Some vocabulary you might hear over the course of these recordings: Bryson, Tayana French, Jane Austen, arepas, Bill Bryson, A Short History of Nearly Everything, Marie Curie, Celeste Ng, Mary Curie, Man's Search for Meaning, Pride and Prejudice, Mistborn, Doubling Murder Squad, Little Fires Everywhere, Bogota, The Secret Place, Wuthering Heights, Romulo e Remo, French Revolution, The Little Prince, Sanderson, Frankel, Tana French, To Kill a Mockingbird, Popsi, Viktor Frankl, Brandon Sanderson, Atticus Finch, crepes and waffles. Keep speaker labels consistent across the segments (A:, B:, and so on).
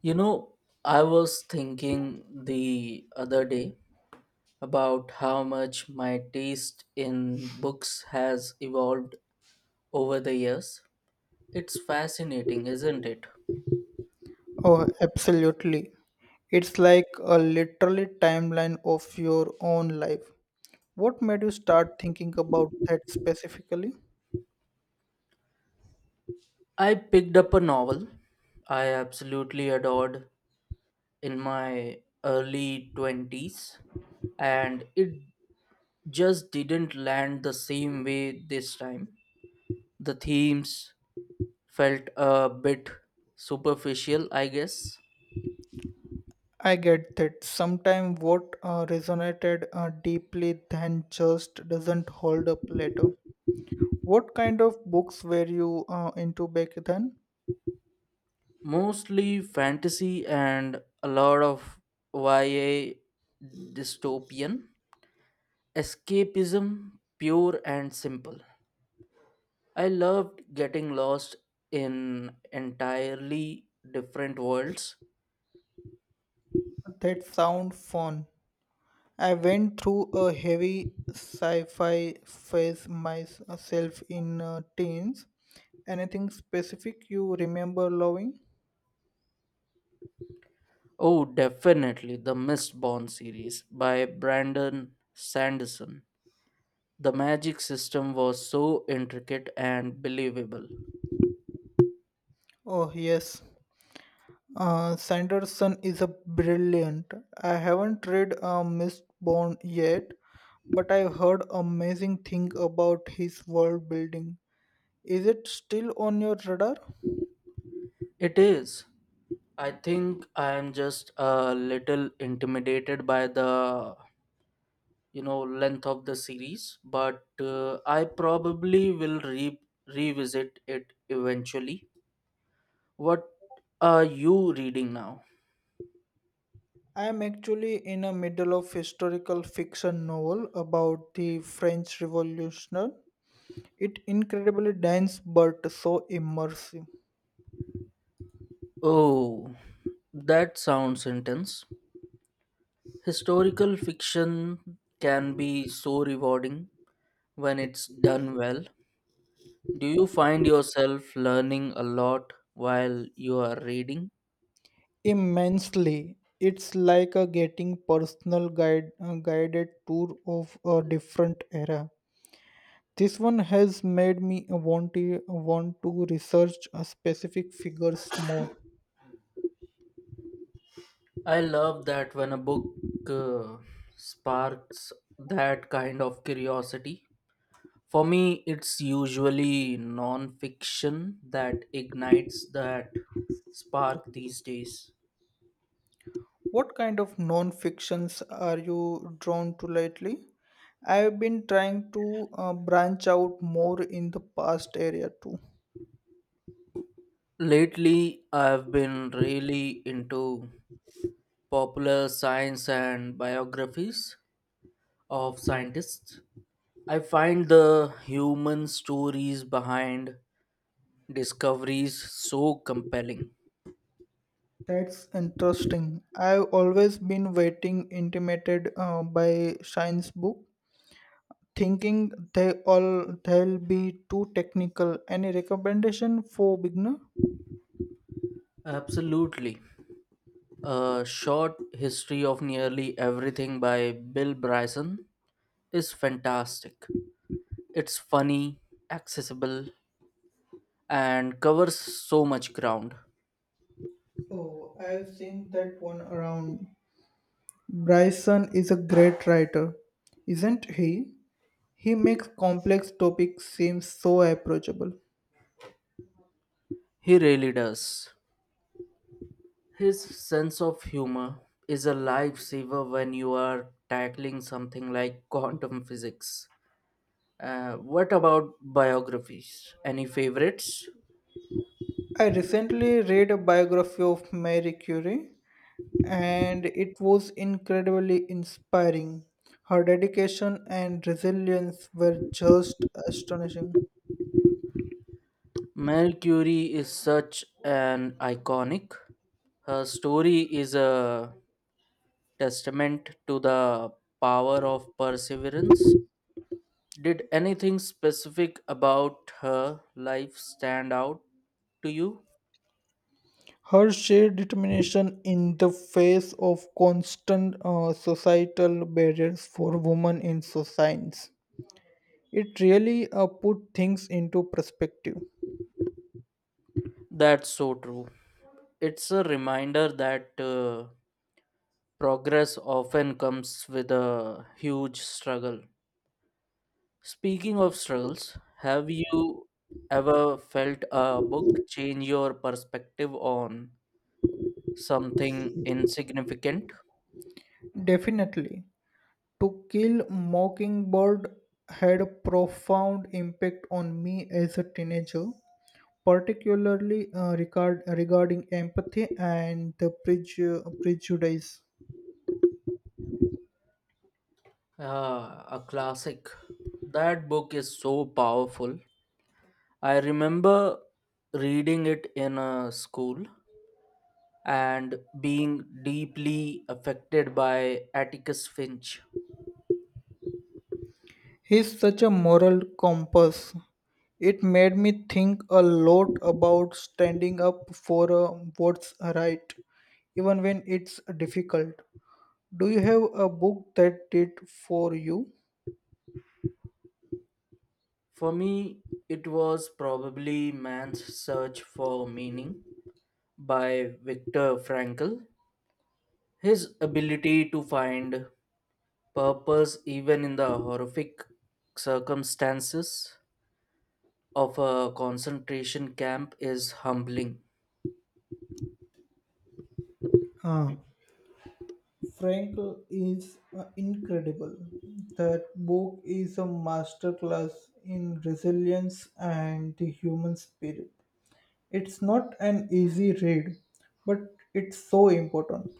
A: You know, I was thinking the other day about how much my taste in books has evolved over the years. It's fascinating, isn't it?
B: Oh, absolutely. It's like a literally timeline of your own life. What made you start thinking about that specifically?
A: I picked up a novel I absolutely adored in my early 20s, and it just didn't land the same way this time. The themes felt a bit superficial, I guess.
B: I get that sometimes what resonated deeply then just doesn't hold up later. What kind of books were you into back then?
A: Mostly fantasy and a lot of YA dystopian. Escapism, pure and simple. I loved getting lost in entirely different worlds.
B: That sound fun. I went through a heavy sci-fi phase myself in teens. Anything specific you remember loving?
A: Oh, definitely the Mistborn series by Brandon Sanderson. The magic system was so intricate and believable.
B: Oh yes, Sanderson is a brilliant. I haven't read Mistborn yet, but I heard amazing thing about his world building. Is it still on your radar?
A: It is. I think I am just a little intimidated by the length of the series, but I probably will revisit it eventually. What are you reading now?
B: I am actually in the middle of historical fiction novel about the French Revolution. It incredibly dense but so immersive.
A: Oh, that sounds intense. Historical fiction can be so rewarding when it's done well. Do you find yourself learning a lot while you are reading?
B: Immensely. It's like a getting personal guide, guided tour of a different era. This one has made me want to research a specific figures more.
A: I love that when a book uh, sparks that kind of curiosity. For me, it's usually non-fiction that ignites that spark these days.
B: What kind of non-fictions are you drawn to lately? I've been trying to branch out more in the past area too.
A: Lately, I've been really into popular science and biographies of scientists. I find the human stories behind discoveries so compelling.
B: That's interesting. I've always been waiting intimidated by science book, thinking they'll be too technical. Any recommendation for beginner?
A: Absolutely. A Short History of Nearly Everything by Bill Bryson is fantastic. It's funny, accessible, and covers so much ground.
B: Oh, I've seen that one around. Bryson is a great writer, isn't he? He makes complex topics seem so approachable.
A: He really does. His sense of humor is a lifesaver when you are tackling something like quantum physics. What about biographies? Any favorites?
B: I recently read a biography of Marie Curie and it was incredibly inspiring. Her dedication and resilience were just astonishing.
A: Mary Curie is such an iconic. Her story is a testament to the power of perseverance. Did anything specific about her life stand out to you?
B: Her sheer determination in the face of constant societal barriers for women in science. It really put things into perspective.
A: That's so true. It's a reminder that progress often comes with a huge struggle. Speaking of struggles, have you ever felt a book change your perspective on something insignificant?
B: Definitely, To Kill a Mockingbird had a profound impact on me as a teenager, particularly regarding empathy and the prejudice.
A: Ah, a classic. That book is so powerful. I remember reading it in a school and being deeply affected by Atticus Finch.
B: He's such a moral compass. It made me think a lot about standing up for what's right, even when it's difficult. Do you have a book that did for you?
A: For me, it was probably Man's Search for Meaning by Viktor Frankl. His ability to find purpose even in the horrific circumstances of a concentration camp is humbling.
B: Ah, Frankel is incredible. That book is a masterclass in resilience and the human spirit. It's not an easy read, but it's so important.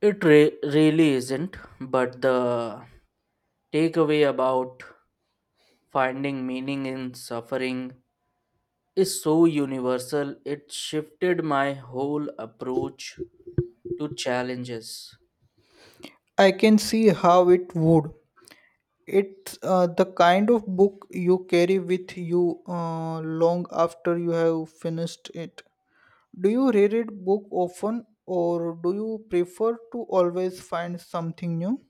A: It really isn't, but the takeaway about finding meaning in suffering is so universal, it shifted my whole approach to challenges.
B: I can see how it would. It's the kind of book you carry with you long after you have finished it. Do you read it book often or do you prefer to always find something new?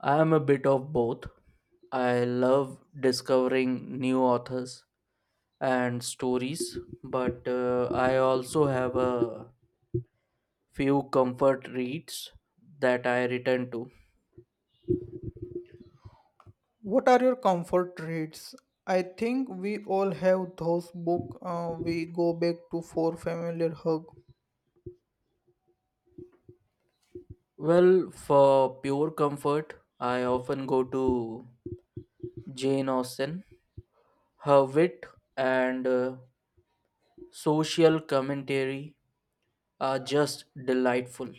A: I am a bit of both. I love discovering new authors and stories, but I also have a few comfort reads that I return to.
B: What are your comfort reads? I think we all have those book we go back to for familiar hug.
A: Well, for pure comfort, I often go to Jane Austen. Her wit and social commentary are just delightful.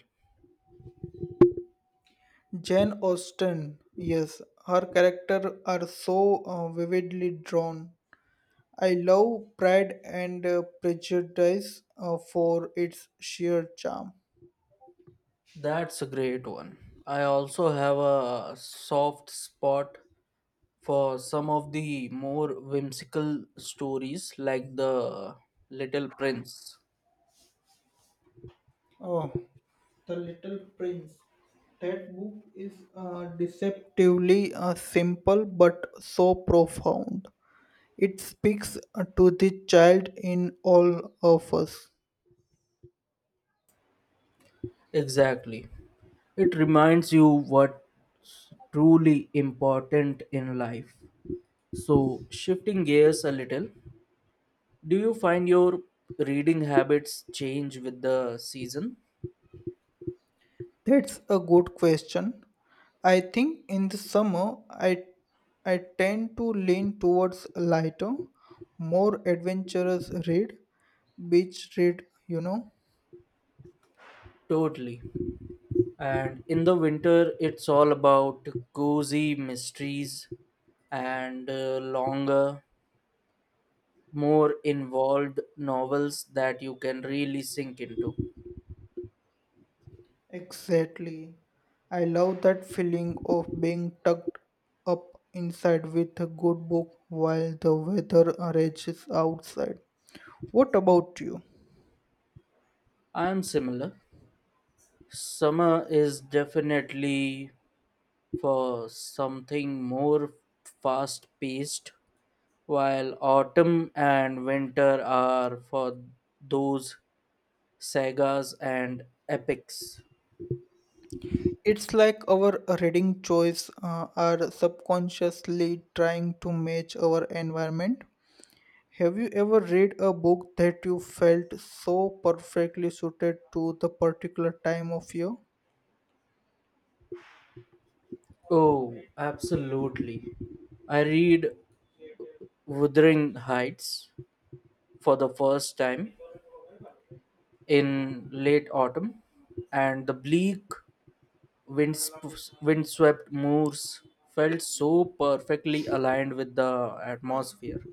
B: Jane Austen, yes, her character are so vividly drawn. I love Pride and Prejudice for its sheer charm.
A: That's a great one. I also have a soft spot for some of the more whimsical stories like The Little Prince.
B: Oh, The Little Prince. That book is deceptively simple but so profound. It speaks to the child in all of us.
A: Exactly. It reminds you what's truly important in life. So, shifting gears a little, do you find your reading habits change with the season?
B: That's a good question. I think in the summer I tend to lean towards a lighter, more adventurous read, beach read, you know.
A: Totally. And in the winter, it's all about cozy mysteries and longer, more involved novels that you can really sink into.
B: Exactly. I love that feeling of being tucked up inside with a good book while the weather rages outside. What about you?
A: I'm similar. Summer is definitely for something more fast paced, while autumn and winter are for those sagas and epics.
B: It's like our reading choice are subconsciously trying to match our environment. Have you ever read a book that you felt so perfectly suited to the particular time of year?
A: Oh, absolutely. I read Wuthering Heights for the first time in late autumn, and the bleak, windswept moors felt so perfectly aligned with the atmosphere.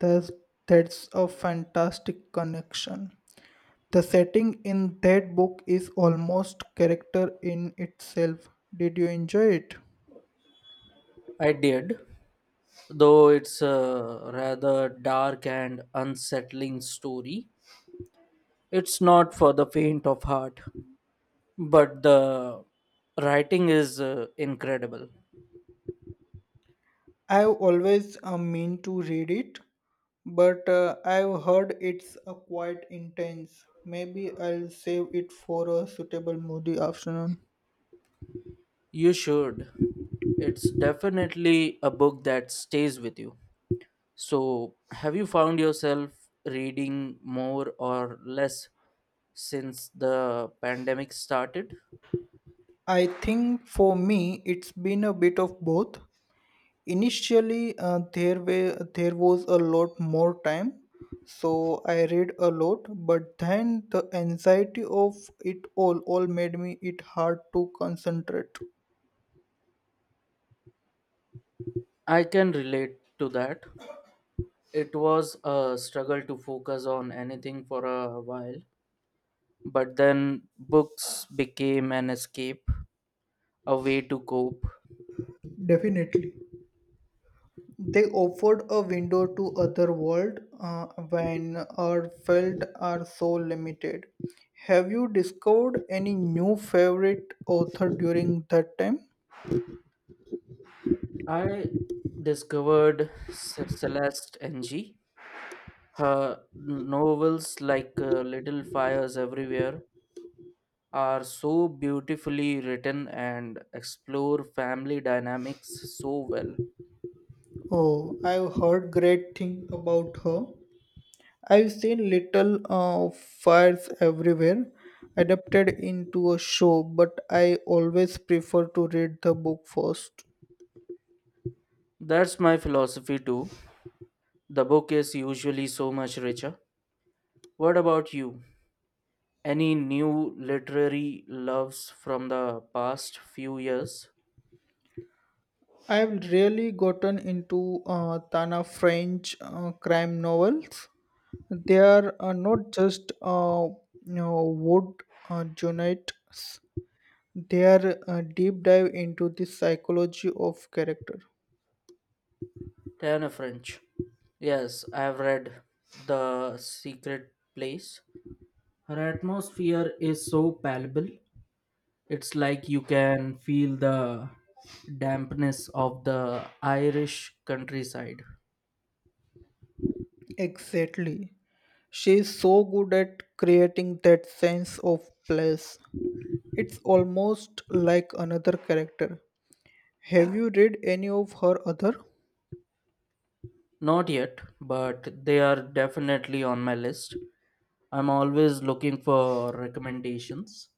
B: That's, that's a fantastic connection. The setting in that book is almost character in itself. Did you enjoy it?
A: I did, though it's a rather dark and unsettling story. It's not for the faint of heart, but the writing is incredible.
B: I've always mean to read it, but I've heard it's quite intense. Maybe I'll save it for a suitable moody afternoon.
A: You should. It's definitely a book that stays with you. So, have you found yourself reading more or less since the pandemic started?
B: I think for me it's been a bit of both. Initially, there was a lot more time, so I read a lot. But then the anxiety of it all made me it hard to concentrate.
A: I can relate to that. It was a struggle to focus on anything for a while. But then books became an escape, a way to cope.
B: Definitely. They offered a window to other world when our felt are so limited. Have you discovered any new favorite author during that time?
A: I discovered Celeste Ng. Her novels, like Little Fires Everywhere, are so beautifully written and explore family dynamics so well.
B: Oh, I've heard great thing about her. I've seen little fires everywhere adapted into a show, but I always prefer to read the book first.
A: That's my philosophy too. The book is usually so much richer. What about you? Any new literary loves from the past few years?
B: I've really gotten into Tana French crime novels. They are not just you know, wood journalists. They are a deep dive into the psychology of character.
A: Tayana French. Yes, I have read The Secret Place. Her atmosphere is so palpable. It's like you can feel the dampness of the Irish countryside.
B: Exactly. She is so good at creating that sense of place. It's almost like another character. Have you read any of her other?
A: Not yet, but they are definitely on my list. I'm always looking for recommendations,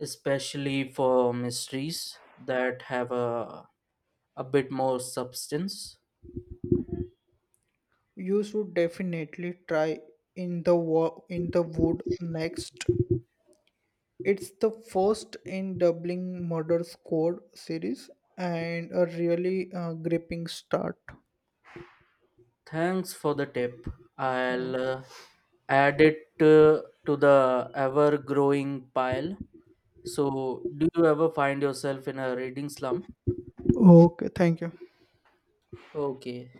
A: especially for mysteries that have a bit more substance.
B: You should definitely try in the wood next. It's the first in Doubling Murder Squad series and a really gripping start.
A: Thanks for the tip. I'll
B: Oh,
A: add it to the ever growing pile. So, do you ever find yourself in a reading slump?
B: okay, thank you.
A: Okay.